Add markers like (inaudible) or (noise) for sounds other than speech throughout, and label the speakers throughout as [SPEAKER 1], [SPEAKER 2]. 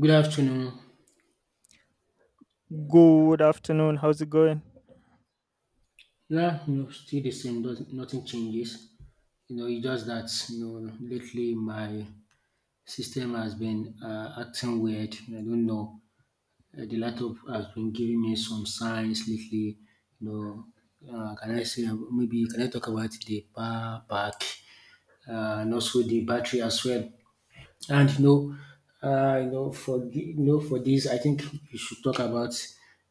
[SPEAKER 1] Good afternoon.
[SPEAKER 2] Good afternoon. How's it going?
[SPEAKER 1] Yeah, you know, still the same. Nothing changes. You know, it's just that you know lately my system has been acting weird. I don't know. The laptop has been giving me some signs lately. You know, can I say maybe can I talk about the power pack and also the battery as well? And you know, for this, I think we should talk about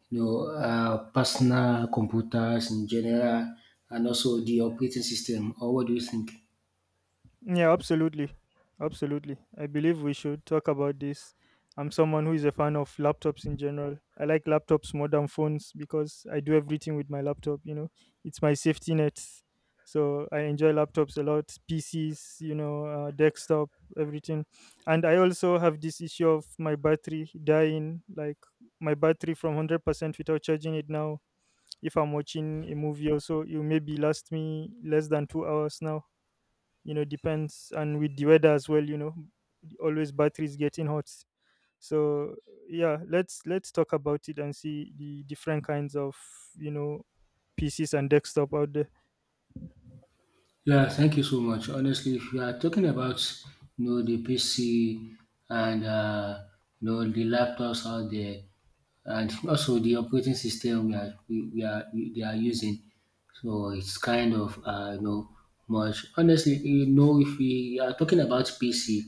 [SPEAKER 1] you know personal computers in general, and also the operating system. Or what do you think?
[SPEAKER 2] Yeah, absolutely. Absolutely, I believe we should talk about this. I'm someone who is a fan of laptops in general. I like laptops more than phones because I do everything with my laptop, you know. It's my safety net. So I enjoy laptops a lot, PCs, you know, desktop, everything. And I also have this issue of my battery dying, like my battery from 100% without charging it now. If I'm watching a movie also, it will maybe last me less than 2 hours now, you know, depends, and with the weather as well, you know, always batteries getting hot. So yeah, let's talk about it and see the different kinds of, you know, PCs and desktop out there.
[SPEAKER 1] Yeah, thank you so much. Honestly, if you are talking about you know the PC and you know the laptops out there, and also the operating system they are using, so it's kind of you know much. Honestly, you know if we are talking about PC,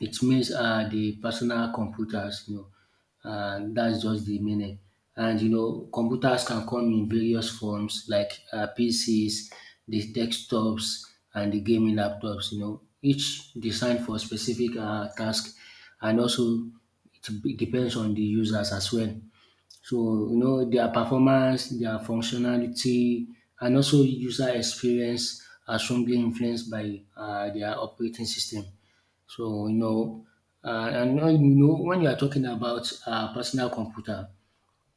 [SPEAKER 1] it means the personal computers, you know, that's just the meaning. And you know, computers can come in various forms like PCs, the desktops, and the gaming laptops. You know, each designed for specific task, and also depends on the users as well. So you know, their performance, their functionality, and also user experience are strongly influenced by their operating system. So, you know, and now, you know, when you are talking about personal computer,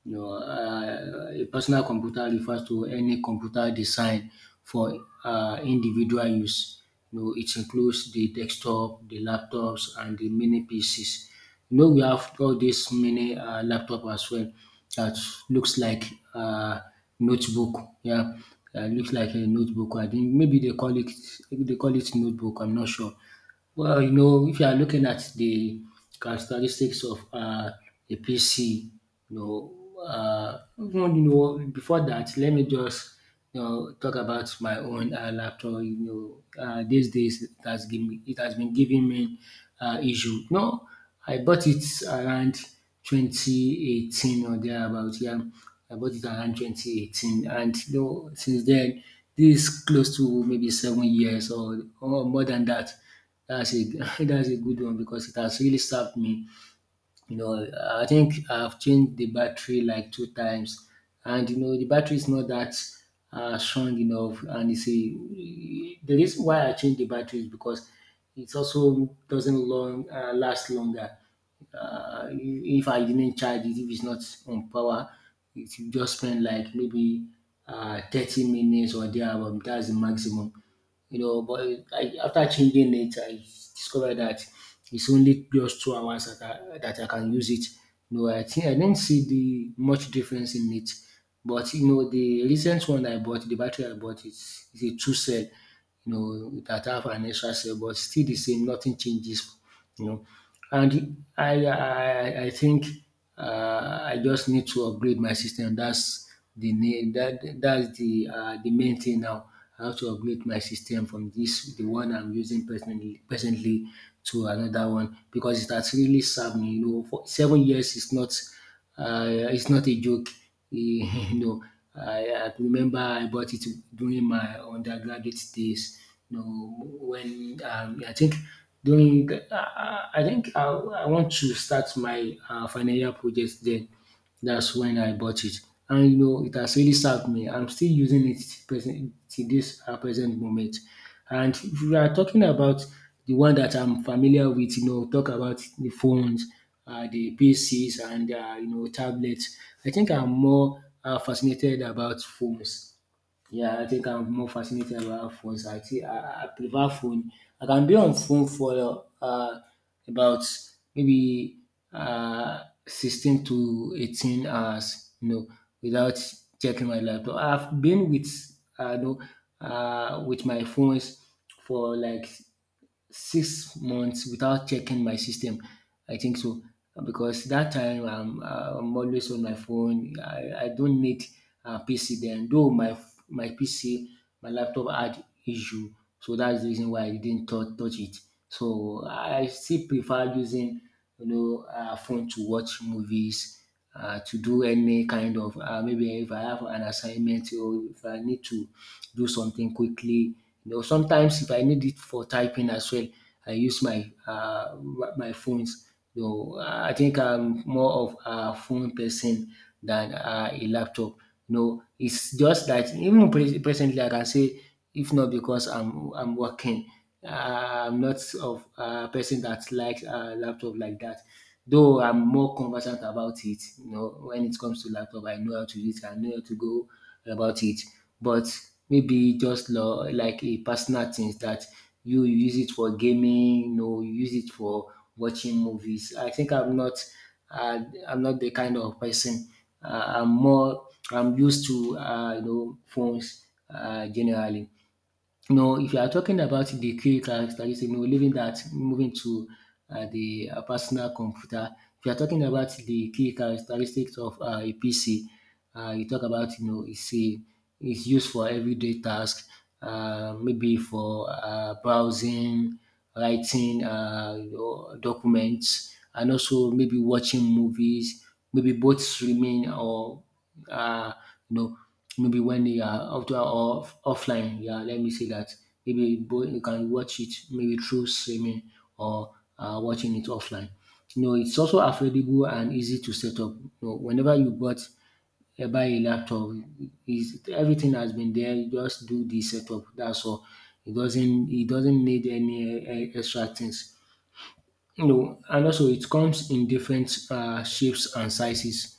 [SPEAKER 1] you know, a personal computer refers to any computer designed for individual use. You know, it includes the desktop, the laptops, and the mini PCs. You know, we have all these mini laptop as well that looks like uh, notebook. Yeah, looks like a notebook. I think maybe they call it notebook. I'm not sure. Well, you know, if you are looking at the characteristics of a PC, you know, even, you know, before that, let me just you know talk about my own laptop. You know, these days it has been giving me issue. No, I bought it around 2018 or thereabout. Yeah, I bought it around 2018, and you know, since then, this is close to maybe 7 years or more than that. That's a (laughs) that's a good one because it has really served me. You know, I think I've changed the battery like two times, and you know the battery is not that strong enough. And you see, the reason why I changed the battery is because it also doesn't long last longer. If I didn't charge it, if it's not on power, it will just spend like maybe 30 minutes or there. That's the maximum you know. But I, after changing it, I discovered that it's only just 2 hours that that I can use it. You know, I think I didn't see the much difference in it. But you know, the recent one I bought, the battery I bought is a two cell, you know, that have an extra cell, but still the same, nothing changes, you know. And I think I just need to upgrade my system. That's the need. That's the main thing now. I have to upgrade my system from this the one I'm using presently to another one because it has really served me. You know, for 7 years is not it's not a joke. (laughs) you know, I remember I bought it during my undergraduate days. You know, when I think during, the- I think I want to start my final year project then. That's when I bought it. And you know, it has really served me. I'm still using it present to this present moment. And if we are talking about the one that I'm familiar with, you know, talk about the phones, the PCs, and you know, tablets. I think I'm more fascinated about phones. Yeah, I think I'm more fascinated about phones. I think I prefer phone. I can be on phone for about maybe 16 to 18 hours, you know, without checking my laptop. I've been you know, with my phones for like 6 months without checking my system. I think so because that time I'm always on my phone. I don't need a PC then, though my PC, my laptop had issue, so that's the reason why I didn't touch it. So I still prefer using you know phone to watch movies to do any kind of maybe if I have an assignment or if I need to do something quickly. You know, sometimes if I need it for typing as well, I use my my phones. You know, I think I'm more of a phone person than a laptop. No, it's just that even presently I can say if not because I'm working. I'm not of a person that likes a laptop like that. Though I'm more conversant about it, you know, when it comes to laptop, I know how to use it, I know how to go about it. But maybe just like a personal things that you use it for gaming, you know, you use it for watching movies. I think uh, I'm not the kind of person. I'm more, I'm used to, you know, phones generally. You know, if you are talking about the key characteristics, you know, leaving that, moving to the personal computer. If you are talking about the key characteristics of a PC, you talk about, you know, it's used for everyday tasks, maybe for browsing, writing you know, documents, and also maybe watching movies, maybe both streaming or, uh, you know, maybe when you are out or offline, yeah, let me say that. Maybe both you can watch it maybe through streaming or watching it offline. You know, it's also affordable and easy to set up. You know, whenever you bought buy a laptop, is everything has been there. You just do the setup. That's all. It doesn't need any extra things. You know, and also it comes in different shapes and sizes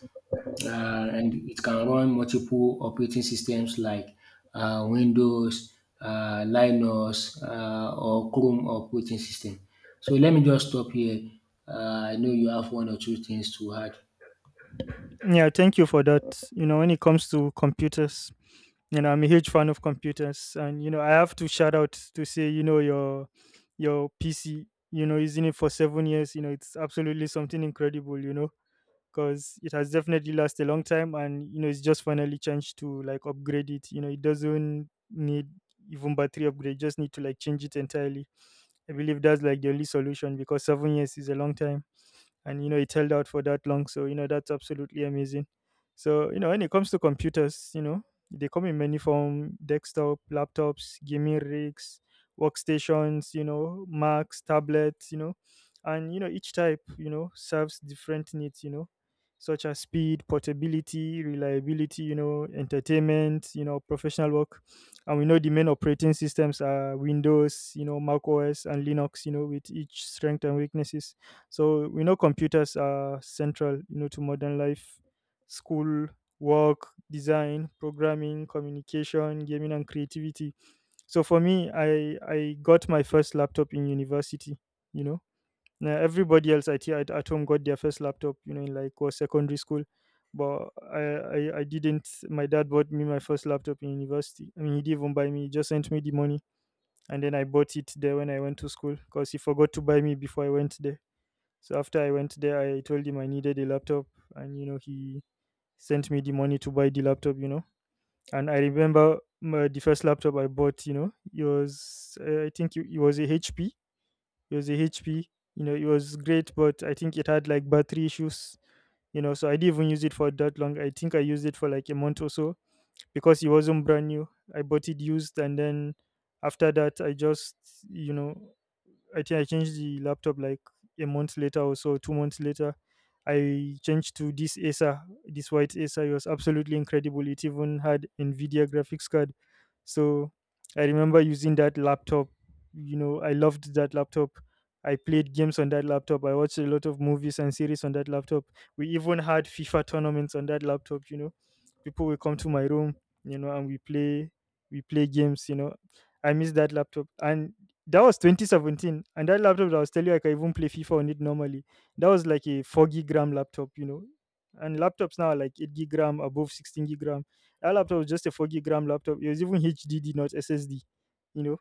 [SPEAKER 1] and it can run multiple operating systems like Windows, Linux, or Chrome operating system. So let me just stop here. I know you have one or two things to add.
[SPEAKER 2] Yeah, thank you for that. You know, when it comes to computers, you know, I'm a huge fan of computers, and you know, I have to shout out to say, you know, your PC, you know, using it for 7 years, you know, it's absolutely something incredible, you know, because it has definitely lasted a long time. And you know, it's just finally changed to like upgrade it. You know, it doesn't need even battery upgrade, just need to like change it entirely. I believe that's like the only solution because 7 years is a long time, and you know, it held out for that long, so you know, that's absolutely amazing. So you know, when it comes to computers, you know, they come in many form: desktop, laptops, gaming rigs, workstations, you know, Macs, tablets, you know. And you know, each type, you know, serves different needs, you know, such as speed, portability, reliability, you know, entertainment, you know, professional work. And we know the main operating systems are Windows, you know, Mac OS, and Linux, you know, with each strength and weaknesses. So we know computers are central, you know, to modern life, school, work, design, programming, communication, gaming, and creativity. So for me, I got my first laptop in university. You know, now everybody else, I think, at home got their first laptop, you know, in like was secondary school, but I didn't. My dad bought me my first laptop in university. I mean, he didn't even buy me; he just sent me the money, and then I bought it there when I went to school because he forgot to buy me before I went there. So after I went there, I told him I needed a laptop, and you know, he sent me the money to buy the laptop. You know, and I remember my, the first laptop I bought. You know, it was I think it was a HP. It was a HP. You know, it was great, but I think it had like battery issues. You know, so I didn't even use it for that long. I think I used it for like a month or so because it wasn't brand new. I bought it used, and then after that, I just, you know, I think I changed the laptop like a month later or so, 2 months later. I changed to this Acer, this white Acer. It was absolutely incredible. It even had Nvidia graphics card. So I remember using that laptop. You know, I loved that laptop. I played games on that laptop. I watched a lot of movies and series on that laptop. We even had FIFA tournaments on that laptop. You know, people will come to my room, you know, and we play games, you know. I miss that laptop. And that was 2017, and that laptop that I was telling you, I can even play FIFA on it normally. That was like a 4 gig RAM laptop, you know, and laptops now are like 8 gig RAM, above 16 gig RAM. That laptop was just a 4 gig RAM laptop. It was even HDD, not SSD, you know.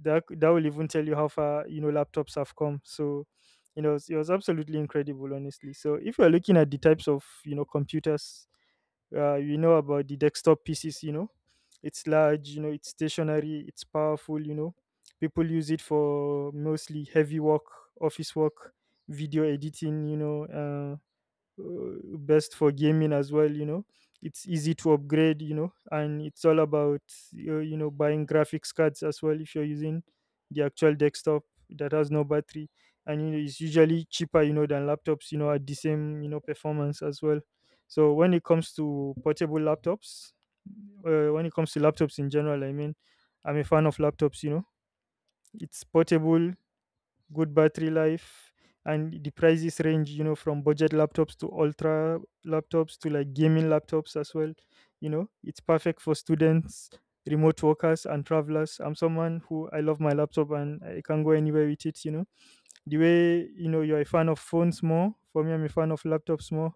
[SPEAKER 2] That will even tell you how far, you know, laptops have come. So you know, it was absolutely incredible, honestly. So if you're looking at the types of, you know, computers, you know, about the desktop PCs, you know, it's large, you know, it's stationary, it's powerful, you know. People use it for mostly heavy work, office work, video editing, you know, best for gaming as well, you know. It's easy to upgrade, you know, and it's all about, you know, buying graphics cards as well, if you're using the actual desktop that has no battery. And you know, it's usually cheaper, you know, than laptops, you know, at the same, you know, performance as well. So when it comes to portable laptops, when it comes to laptops in general, I mean, I'm a fan of laptops, you know. It's portable, good battery life, and the prices range, you know, from budget laptops to ultra laptops to like gaming laptops as well. You know, it's perfect for students, remote workers, and travelers. I'm someone who, I love my laptop, and I can go anywhere with it, you know. The way, you know, you're a fan of phones more, for me, I'm a fan of laptops more,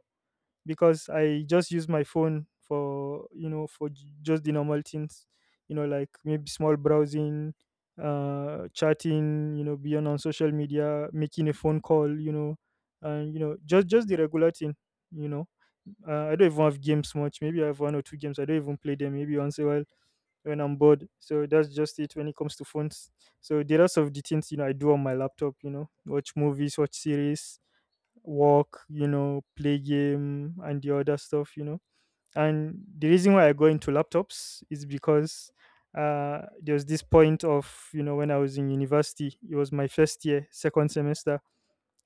[SPEAKER 2] because I just use my phone for, you know, for just the normal things, you know, like maybe small browsing, chatting, you know, being on social media, making a phone call, you know, and you know, just the regular thing, you know. I don't even have games much. Maybe I have one or two games. I don't even play them. Maybe once a while when I'm bored. So that's just it when it comes to phones. So the rest of the things, you know, I do on my laptop. You know, watch movies, watch series, work, you know, play game, and the other stuff, you know. And the reason why I go into laptops is because there was this point of, you know, when I was in university. It was my first year, second semester.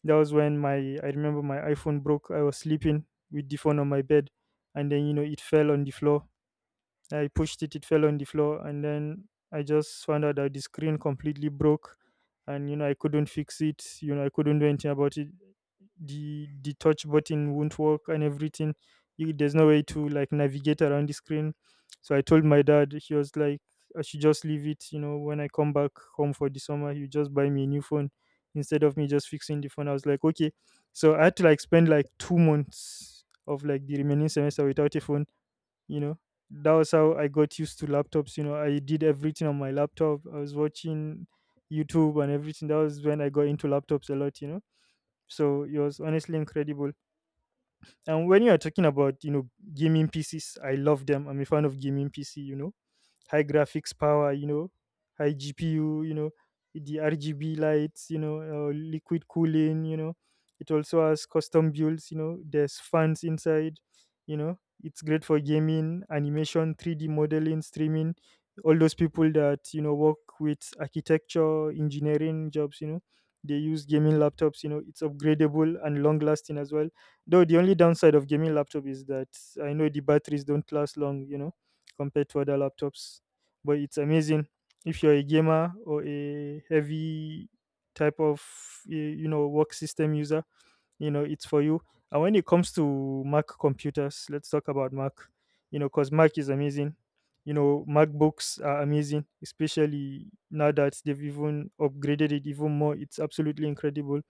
[SPEAKER 2] That was when I remember my iPhone broke. I was sleeping with the phone on my bed, and then, you know, it fell on the floor. I pushed it, it fell on the floor, and then I just found out that the screen completely broke, and you know, I couldn't fix it. You know, I couldn't do anything about it. The touch button won't work and everything. You, there's no way to like navigate around the screen. So I told my dad. He was like, "I should just leave it. You know, when I come back home for the summer, you just buy me a new phone instead of me just fixing the phone." I was like, "Okay." So I had to like spend like 2 months of like the remaining semester without a phone, you know. That was how I got used to laptops. You know, I did everything on my laptop. I was watching YouTube and everything. That was when I got into laptops a lot, you know. So it was honestly incredible. And when you are talking about, you know, gaming PCs, I love them. I'm a fan of gaming PC, you know, high graphics power, you know, high GPU, you know, the RGB lights, you know, liquid cooling, you know. It also has custom builds, you know, there's fans inside, you know. It's great for gaming, animation, 3D modeling, streaming. All those people that, you know, work with architecture, engineering jobs, you know, they use gaming laptops, you know. It's upgradable and long lasting as well. Though the only downside of gaming laptop is that I know the batteries don't last long, you know, compared to other laptops. But it's amazing if you're a gamer or a heavy type of you know, work system user, you know, it's for you. And when it comes to Mac computers, let's talk about Mac, you know, because Mac is amazing. You know, MacBooks are amazing, especially now that they've even upgraded it even more. It's absolutely incredible,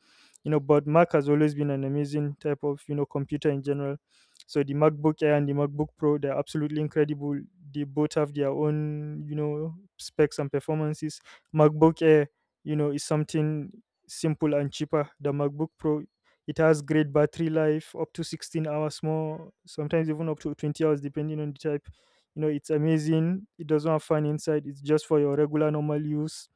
[SPEAKER 2] you know. But Mac has always been an amazing type of, you know, computer in general. So the MacBook Air and the MacBook Pro, they're absolutely incredible. They both have their own, you know, specs and performances. MacBook Air, you know, is something simple and cheaper. The MacBook Pro, it has great battery life, up to 16 hours more, sometimes even up to 20 hours, depending on the type. You know, it's amazing. It doesn't have fan inside. It's just for your regular normal use.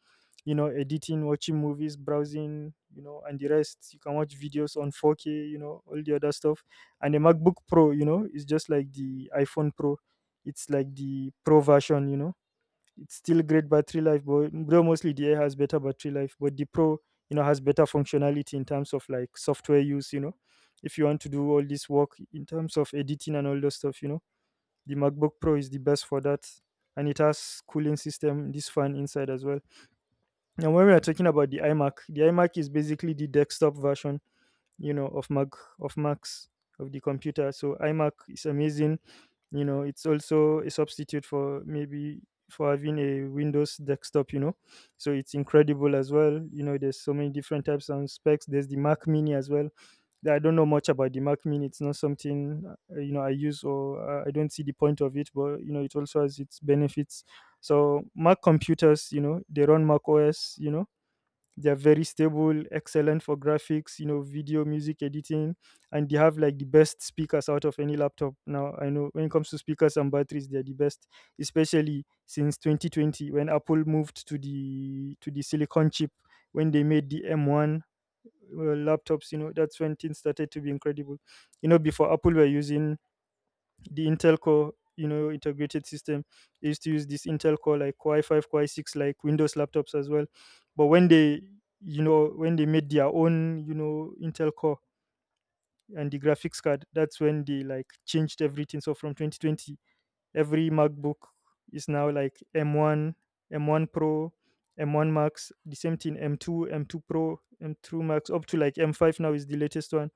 [SPEAKER 2] You know, editing, watching movies, browsing, you know, and the rest. You can watch videos on 4K, you know, all the other stuff. And the MacBook Pro, you know, is just like the iPhone Pro. It's like the Pro version. You know, it's still great battery life, but though mostly the Air has better battery life, but the Pro, you know, has better functionality in terms of like software use. You know, if you want to do all this work in terms of editing and all those stuff, you know, the MacBook Pro is the best for that. And it has cooling system, this fan inside as well. And when we are talking about the iMac, the iMac is basically the desktop version, you know, of Mac, of Macs, of the computer. So iMac is amazing. You know, it's also a substitute for maybe for having a Windows desktop, you know. So it's incredible as well. You know, there's so many different types and specs. There's the Mac Mini as well. I don't know much about the Mac Mini. It's not something you know I use or I don't see the point of it. But you know it also has its benefits. So Mac computers, you know, they run Mac OS. You know, they're very stable, excellent for graphics, you know, video music editing. And they have like the best speakers out of any laptop. Now I know when it comes to speakers and batteries, they're the best, especially since 2020 when Apple moved to the silicon chip, when they made the M1 laptops. You know, that's when things started to be incredible. You know, before Apple were using the Intel Core, you know, integrated system. They used to use this Intel Core, like Core i5, Core i6, like Windows laptops as well. But when they, you know, when they made their own, you know, Intel Core and the graphics card, that's when they like changed everything. So from 2020, every MacBook is now like M1, M1 Pro, M1 Max, the same thing M2, M2 Pro, M2 Max, up to like M5 now is the latest one.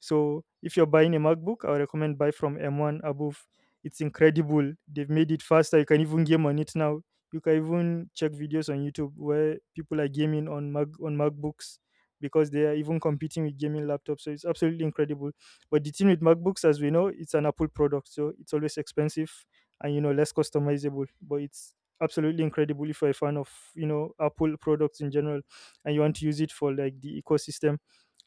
[SPEAKER 2] So if you're buying a MacBook, I would recommend buy from M1 above. It's incredible. They've made it faster. You can even game on it now. You can even check videos on YouTube where people are gaming on Mac on MacBooks because they are even competing with gaming laptops. So it's absolutely incredible. But the thing with MacBooks, as we know, it's an Apple product, so it's always expensive and you know less customizable. But it's absolutely incredible if you're a fan of, you know, Apple products in general and you want to use it for like the ecosystem.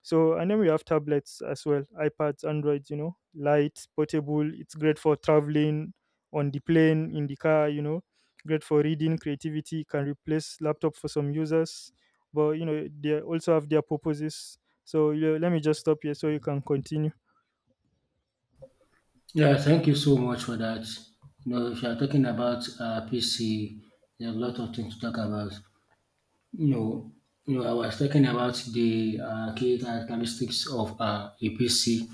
[SPEAKER 2] So, and then we have tablets as well, iPads, Androids, you know, light, portable. It's great for traveling on the plane, in the car, you know, great for reading, creativity, can replace laptop for some users. But, you know, they also have their purposes. So, yeah, let me just stop here so you can continue.
[SPEAKER 1] Yeah, thank you so much for that. You know, if you're talking about PC, there's a lot of things to talk about. You know, you know, I was talking about the key characteristics of a PC.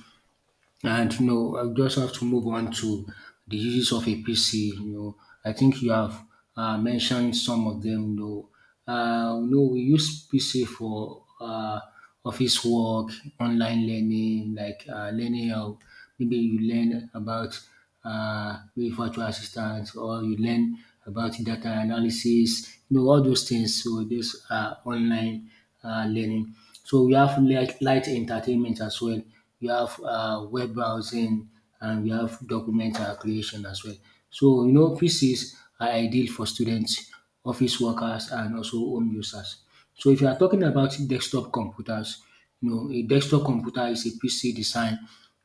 [SPEAKER 1] And you know, I just have to move on to the uses of a PC. You know, I think you have mentioned some of them. You know, we use PC for office work, online learning, like learning how maybe you learn about maybe virtual assistants or you learn about data analysis. You know, all those things. So this online learning. So we have light entertainment as well. We have web browsing and we have document creation as well. So you know, PCs are ideal for students, office workers, and also home users. So if you are talking about desktop computers, you know, a desktop computer is a PC designed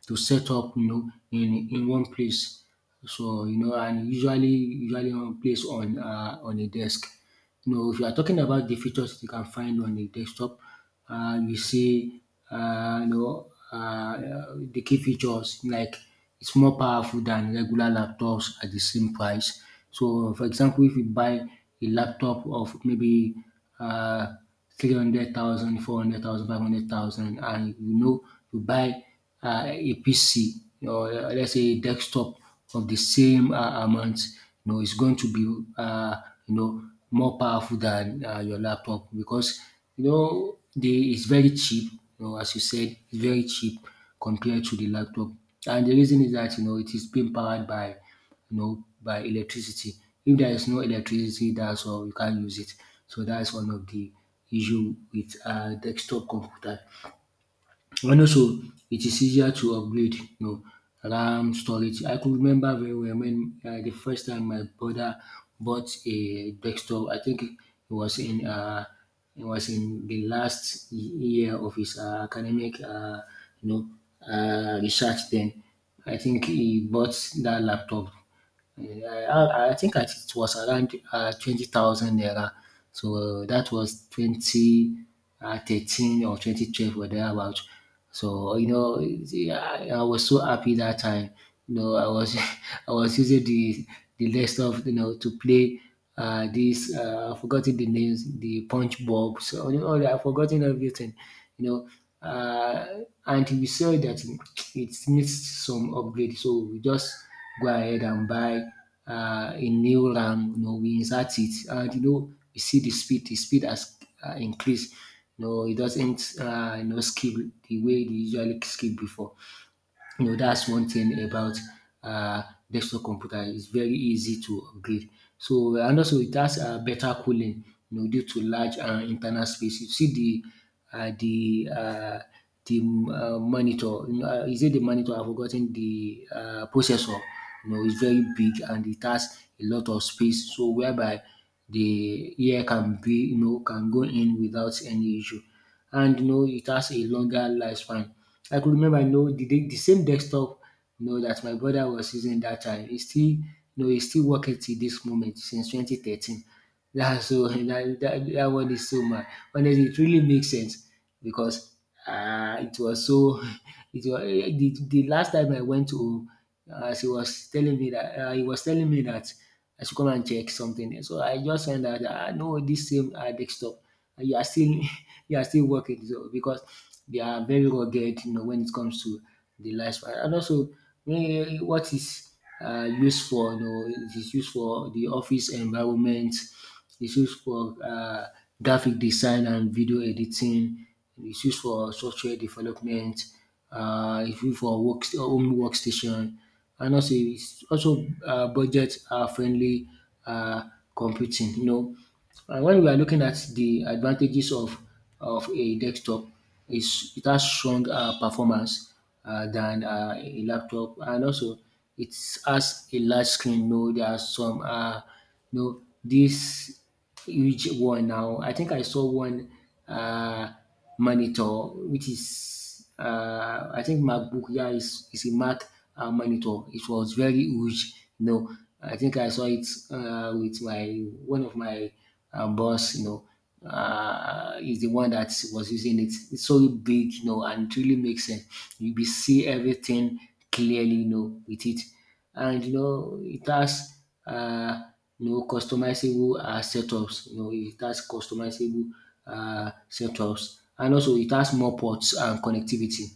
[SPEAKER 1] to set up, you know, in one place. So you know, and usually one place on a desk. No, if you are talking about the features you can find on the desktop, uh, you see, the key features like it's more powerful than regular laptops at the same price. So, for example, if you buy a laptop of maybe uh, 300,000, 400,000, 500,000, and you know, you buy a PC or let's say a desktop of the same amount, you know, is going to be you know more powerful than your laptop because you know the it's very cheap. You know, as you said, it's very cheap compared to the laptop, and the reason is that you know it is being powered by you know by electricity. If there is no electricity, that's all you can't use it. So that's one of the issue with desktop computer. And also it is easier to upgrade, you know, RAM, storage. I could remember very well when the first time my brother bought a desktop. I think was in uh, it was in the last year of his academic research. Then I think he bought that laptop. Yeah, I think I it was around 20,000 naira. So that was 2013 or 2012 or thereabout. I was so happy that time. You know, I was (laughs) I was using the list of, to play this, I've forgotten the names, the punch bob. So, you know, I've forgotten everything, you know. Uh, and we saw that it needs some upgrade. So we just go ahead and buy a new RAM, you know, we insert it. And you know, you see the speed has increased. No, it doesn't, skip the way they usually skip before. You know, that's one thing about uh, desktop computer. It's very easy to upgrade. And also it has better cooling. You know, due to large internal space. You see the monitor. You know, is it the monitor? I've forgotten the processor. You know, it's very big and it has a lot of space. So whereby the air can be, you know, can go in without any issue, and you know it has a longer lifespan. I could remember, you know, the same desktop, you know, that my brother was using that time. He still, you know, he's still working till this moment since 2013. That's so (laughs) that one is so mad. Honestly, it really makes sense because it was so (laughs) it was the last time I went to, as he was telling me that I should come and check something. So I just found out that, um, no, this same desktop, you are still (laughs) you are still working so because they are very rugged, you know, when it comes to the lifespan. And also, um, what is used for, you know, it is used for the office environment, it's used for graphic design and video editing. It's used for software development. It's used for work, home workstation, and also it's also budget friendly uh, computing. You know, and when we are looking at the advantages of a desktop, is it has strong performance than a laptop, and also it has a large screen. You know, there are some. Know, this huge one now. I think I saw one uh, monitor, which is, I think MacBook, yeah, is a Mac monitor. It was very huge. You know, I think I saw it with my one of my boss. You know, is the one that was using it. It's so big, you know, and it really makes sense. You be see everything clearly, you know, with it. And you know it has, um, you know, customizable setups, you know, it has customizable setups, and also it has more ports and connectivity.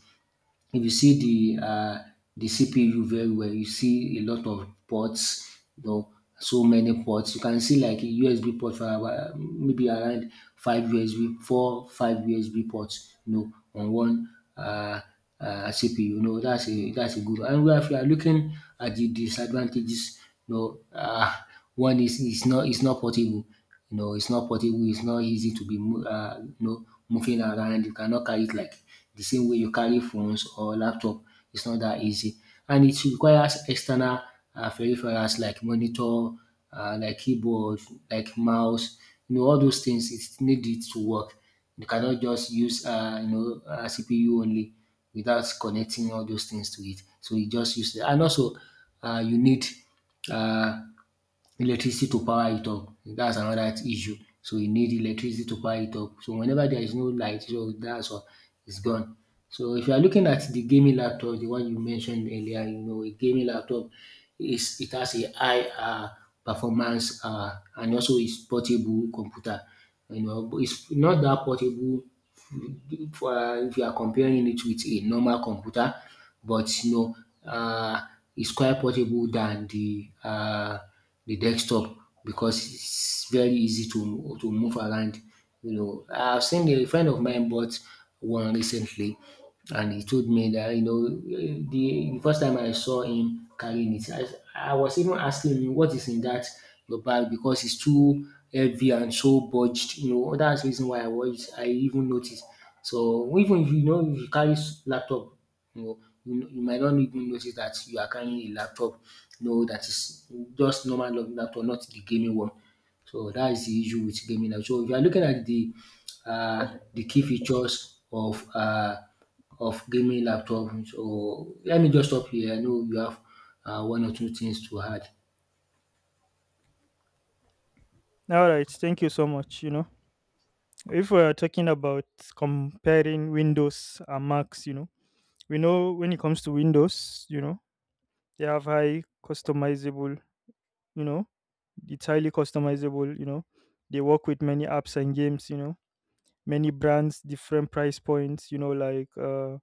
[SPEAKER 1] If you see the uh, the CPU very well, you see a lot of ports, you know, so many ports. You can see like a USB port for about, maybe around five USB, four, five USB ports, you know, on one uh, CPU. You know, that's a good one. And if you are looking at the disadvantages, you know, uh, one is it's not portable, you know, it's not portable, it's not easy to be moving around. You cannot carry it like the same way you carry phones or laptop. It's not that easy. And it requires external peripherals like monitor, like keyboard, like mouse, you know, all those things. It need it to work. You cannot just use CPU only without connecting all those things to it. So you just use it. And also, you need uh, electricity to power it up. That's another issue. So you need electricity to power it up. So whenever there is no light, so that's all, it's gone. So if you are looking at the gaming laptop, the one you mentioned earlier, you know, a gaming laptop is it has a high performance, and also is portable computer. You know, but it's not that portable for, if you are comparing it with a normal computer, but you know, uh, it's quite portable than the desktop because it's very easy to move around. You know, I've seen a friend of mine bought one recently, and he told me that, you know, the first time I saw him carrying it, I was even asking him what is in that your bag because it's too heavy and so budged. You know that's the reason why I even noticed. So even if you know if you carry laptop, you know, you might not even notice that you are carrying a laptop. You know that is just normal laptop, not the gaming one. So that is the issue with gaming now. So if you are looking at the key features of gaming laptop, so let me just stop here. I know you have one or two things to add.
[SPEAKER 2] All right. Thank you so much, you know. If we're talking about comparing Windows and Macs, you know, we know when it comes to Windows, you know, they have high customizable. You know, it's highly customizable. You know, they work with many apps and games. You know, many brands, different price points. You know, like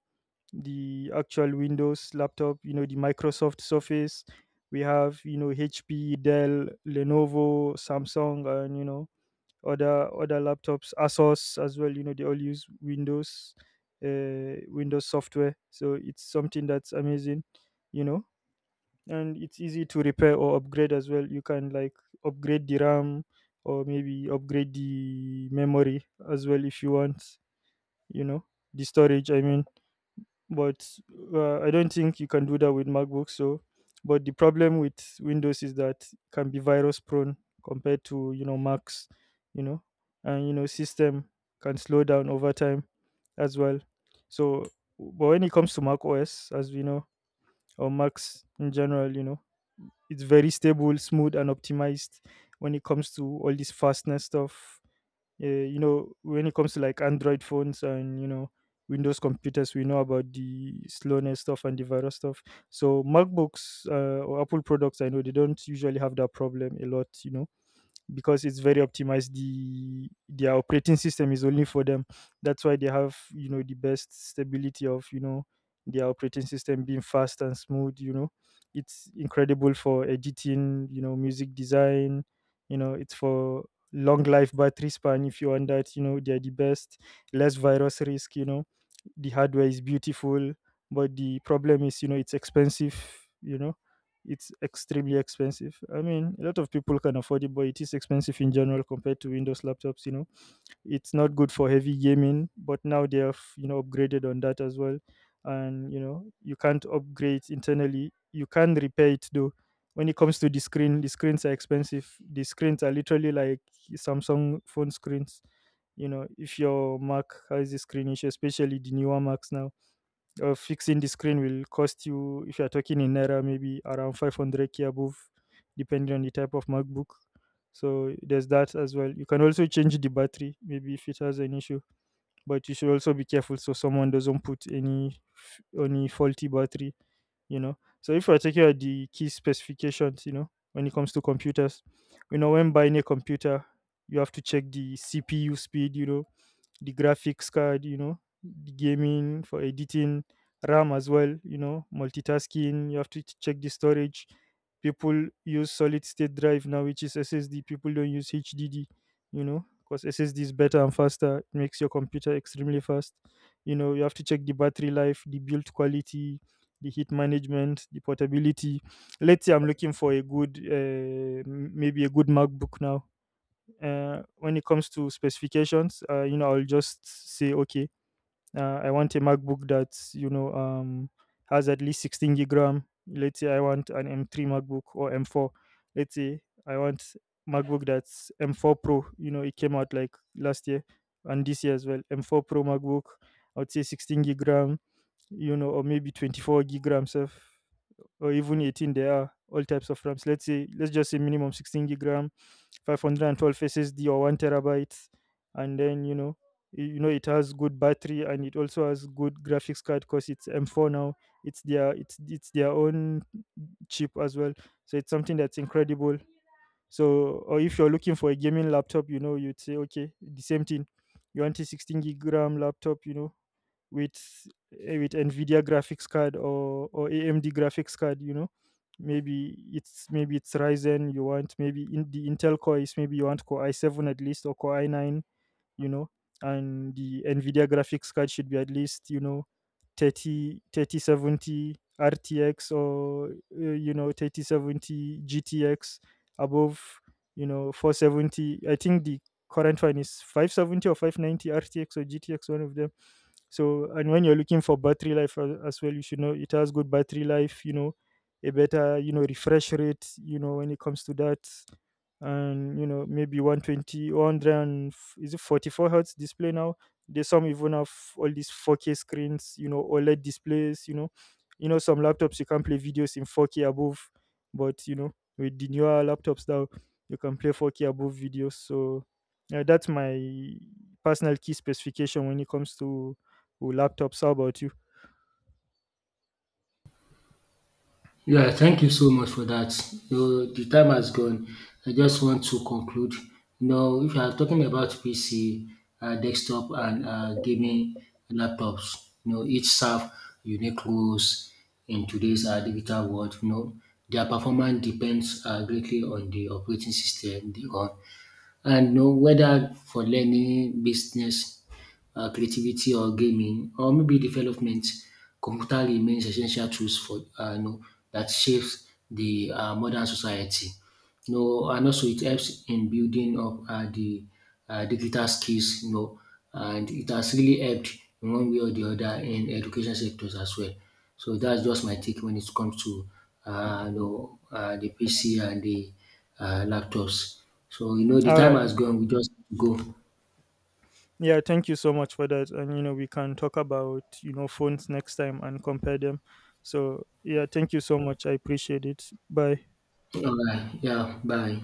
[SPEAKER 2] the actual Windows laptop, you know, the Microsoft Surface. We have, you know, HP, Dell, Lenovo, Samsung, and you know other laptops, Asus as well. You know, they all use Windows, Windows software. So it's something that's amazing. You know, and it's easy to repair or upgrade as well. You can like upgrade the RAM or maybe upgrade the memory as well if you want. You know, the storage, I mean. But I don't think you can do that with MacBook. So, but the problem with Windows is that it can be virus prone compared to, you know, Macs, you know, and you know system can slow down over time as well. So, but when it comes to Mac OS, as we know, or Macs in general, you know, it's very stable, smooth, and optimized when it comes to all this fastness stuff. You know, when it comes to like Android phones and you know Windows computers, we know about the slowness stuff and the virus stuff. So MacBooks, or Apple products, I know they don't usually have that problem a lot, you know, because it's very optimized. Their operating system is only for them. That's why they have, you know, the best stability of, you know, their operating system being fast and smooth. You know, it's incredible for editing, you know, music design. You know, it's for long life battery span. If you want that, you know, they're the best. Less virus risk, you know. The hardware is beautiful. But the problem is, you know, it's expensive. You know, it's extremely expensive. I mean, a lot of people can afford it, but it is expensive in general compared to Windows laptops. You know, it's not good for heavy gaming, but now they have, you know, upgraded on that as well, and you know you can't upgrade internally. You can repair it though. When it comes to the screen, the screens are expensive. The screens are literally like Samsung phone screens. You know, if your Mac has the screen issue, especially the newer Macs now, fixing the screen will cost you, if you're talking in Naira, maybe around 500K above, depending on the type of MacBook. So there's that as well. You can also change the battery, maybe if it has an issue, but you should also be careful so someone doesn't put any faulty battery, you know. So if you're talking about the key specifications, you know, when it comes to computers, you know, when buying a computer, you have to check the CPU speed, you know, the graphics card, you know, the gaming for editing, RAM as well, you know, multitasking. You have to check the storage. People use solid state drive now, which is SSD. People don't use HDD, you know, because SSD is better and faster. It makes your computer extremely fast. You know, you have to check the battery life, the build quality, the heat management, the portability. Let's say I'm looking for a good, maybe a good MacBook now, when it comes to specifications, you know, I'll just say, okay, I want a MacBook that you know has at least 16 gig RAM. Let's say I want an M3 MacBook or M4. Let's say I want MacBook that's M4 Pro. You know, it came out like last year and this year as well. M4 Pro MacBook. I would say 16 gig RAM. You know, or maybe 24 gig RAM. Self, or even 18, there are all types of RAMs. Let's say, let's just say minimum 16 gig RAM, 512 SSD or 1 terabyte. And then you know you know it has good battery, and it also has good graphics card because it's M4 now. It's their, it's their own chip as well. So it's something that's incredible. So, or if you're looking for a gaming laptop, you know, you'd say okay the same thing. You want a 16 gig RAM laptop, you know, with with NVIDIA graphics card or AMD graphics card, you know. Maybe it's Ryzen you want, maybe in the Intel Core is maybe you want Core i7 at least or Core i9, you know, and the NVIDIA graphics card should be at least, you know, thirty thirty seventy RTX or you know 3070 GTX above, you know, 470. I think the current one is 570 or 590 RTX or GTX one of them. So, and when you're looking for battery life as well, you should know it has good battery life, you know, a better, you know, refresh rate, you know, when it comes to that. And you know, maybe 120, 100, and is it 44 hertz display now. There's some even have all these 4K screens, you know, OLED displays, you know. You know, some laptops you can play videos in 4K above. But you know with the newer laptops now, you can play 4K above videos. So yeah, that's my personal key specification when it comes to laptops. How about you?
[SPEAKER 1] Yeah, thank you so much for that. You know, the time has gone. I just want to conclude. You know, if you are talking about PC, desktop, and gaming laptops, you know, each serve unique roles in today's digital world. You know, their performance depends greatly on the operating system they run, and you know, whether for learning, business, creativity or gaming, or maybe development, computer remains essential tools for that shapes the modern society. You know, and also it helps in building up the digital skills. You know, and it has really helped in one way or the other in education sectors as well. So that's just my take when it comes to the PC and the laptops. So you know the
[SPEAKER 2] All
[SPEAKER 1] time
[SPEAKER 2] right.
[SPEAKER 1] has gone. We just go.
[SPEAKER 2] Yeah, thank you so much for that. And you know, we can talk about, you know, phones next time and compare them. So, yeah, thank you so much. I appreciate it. Bye.
[SPEAKER 1] All right. Yeah. Bye.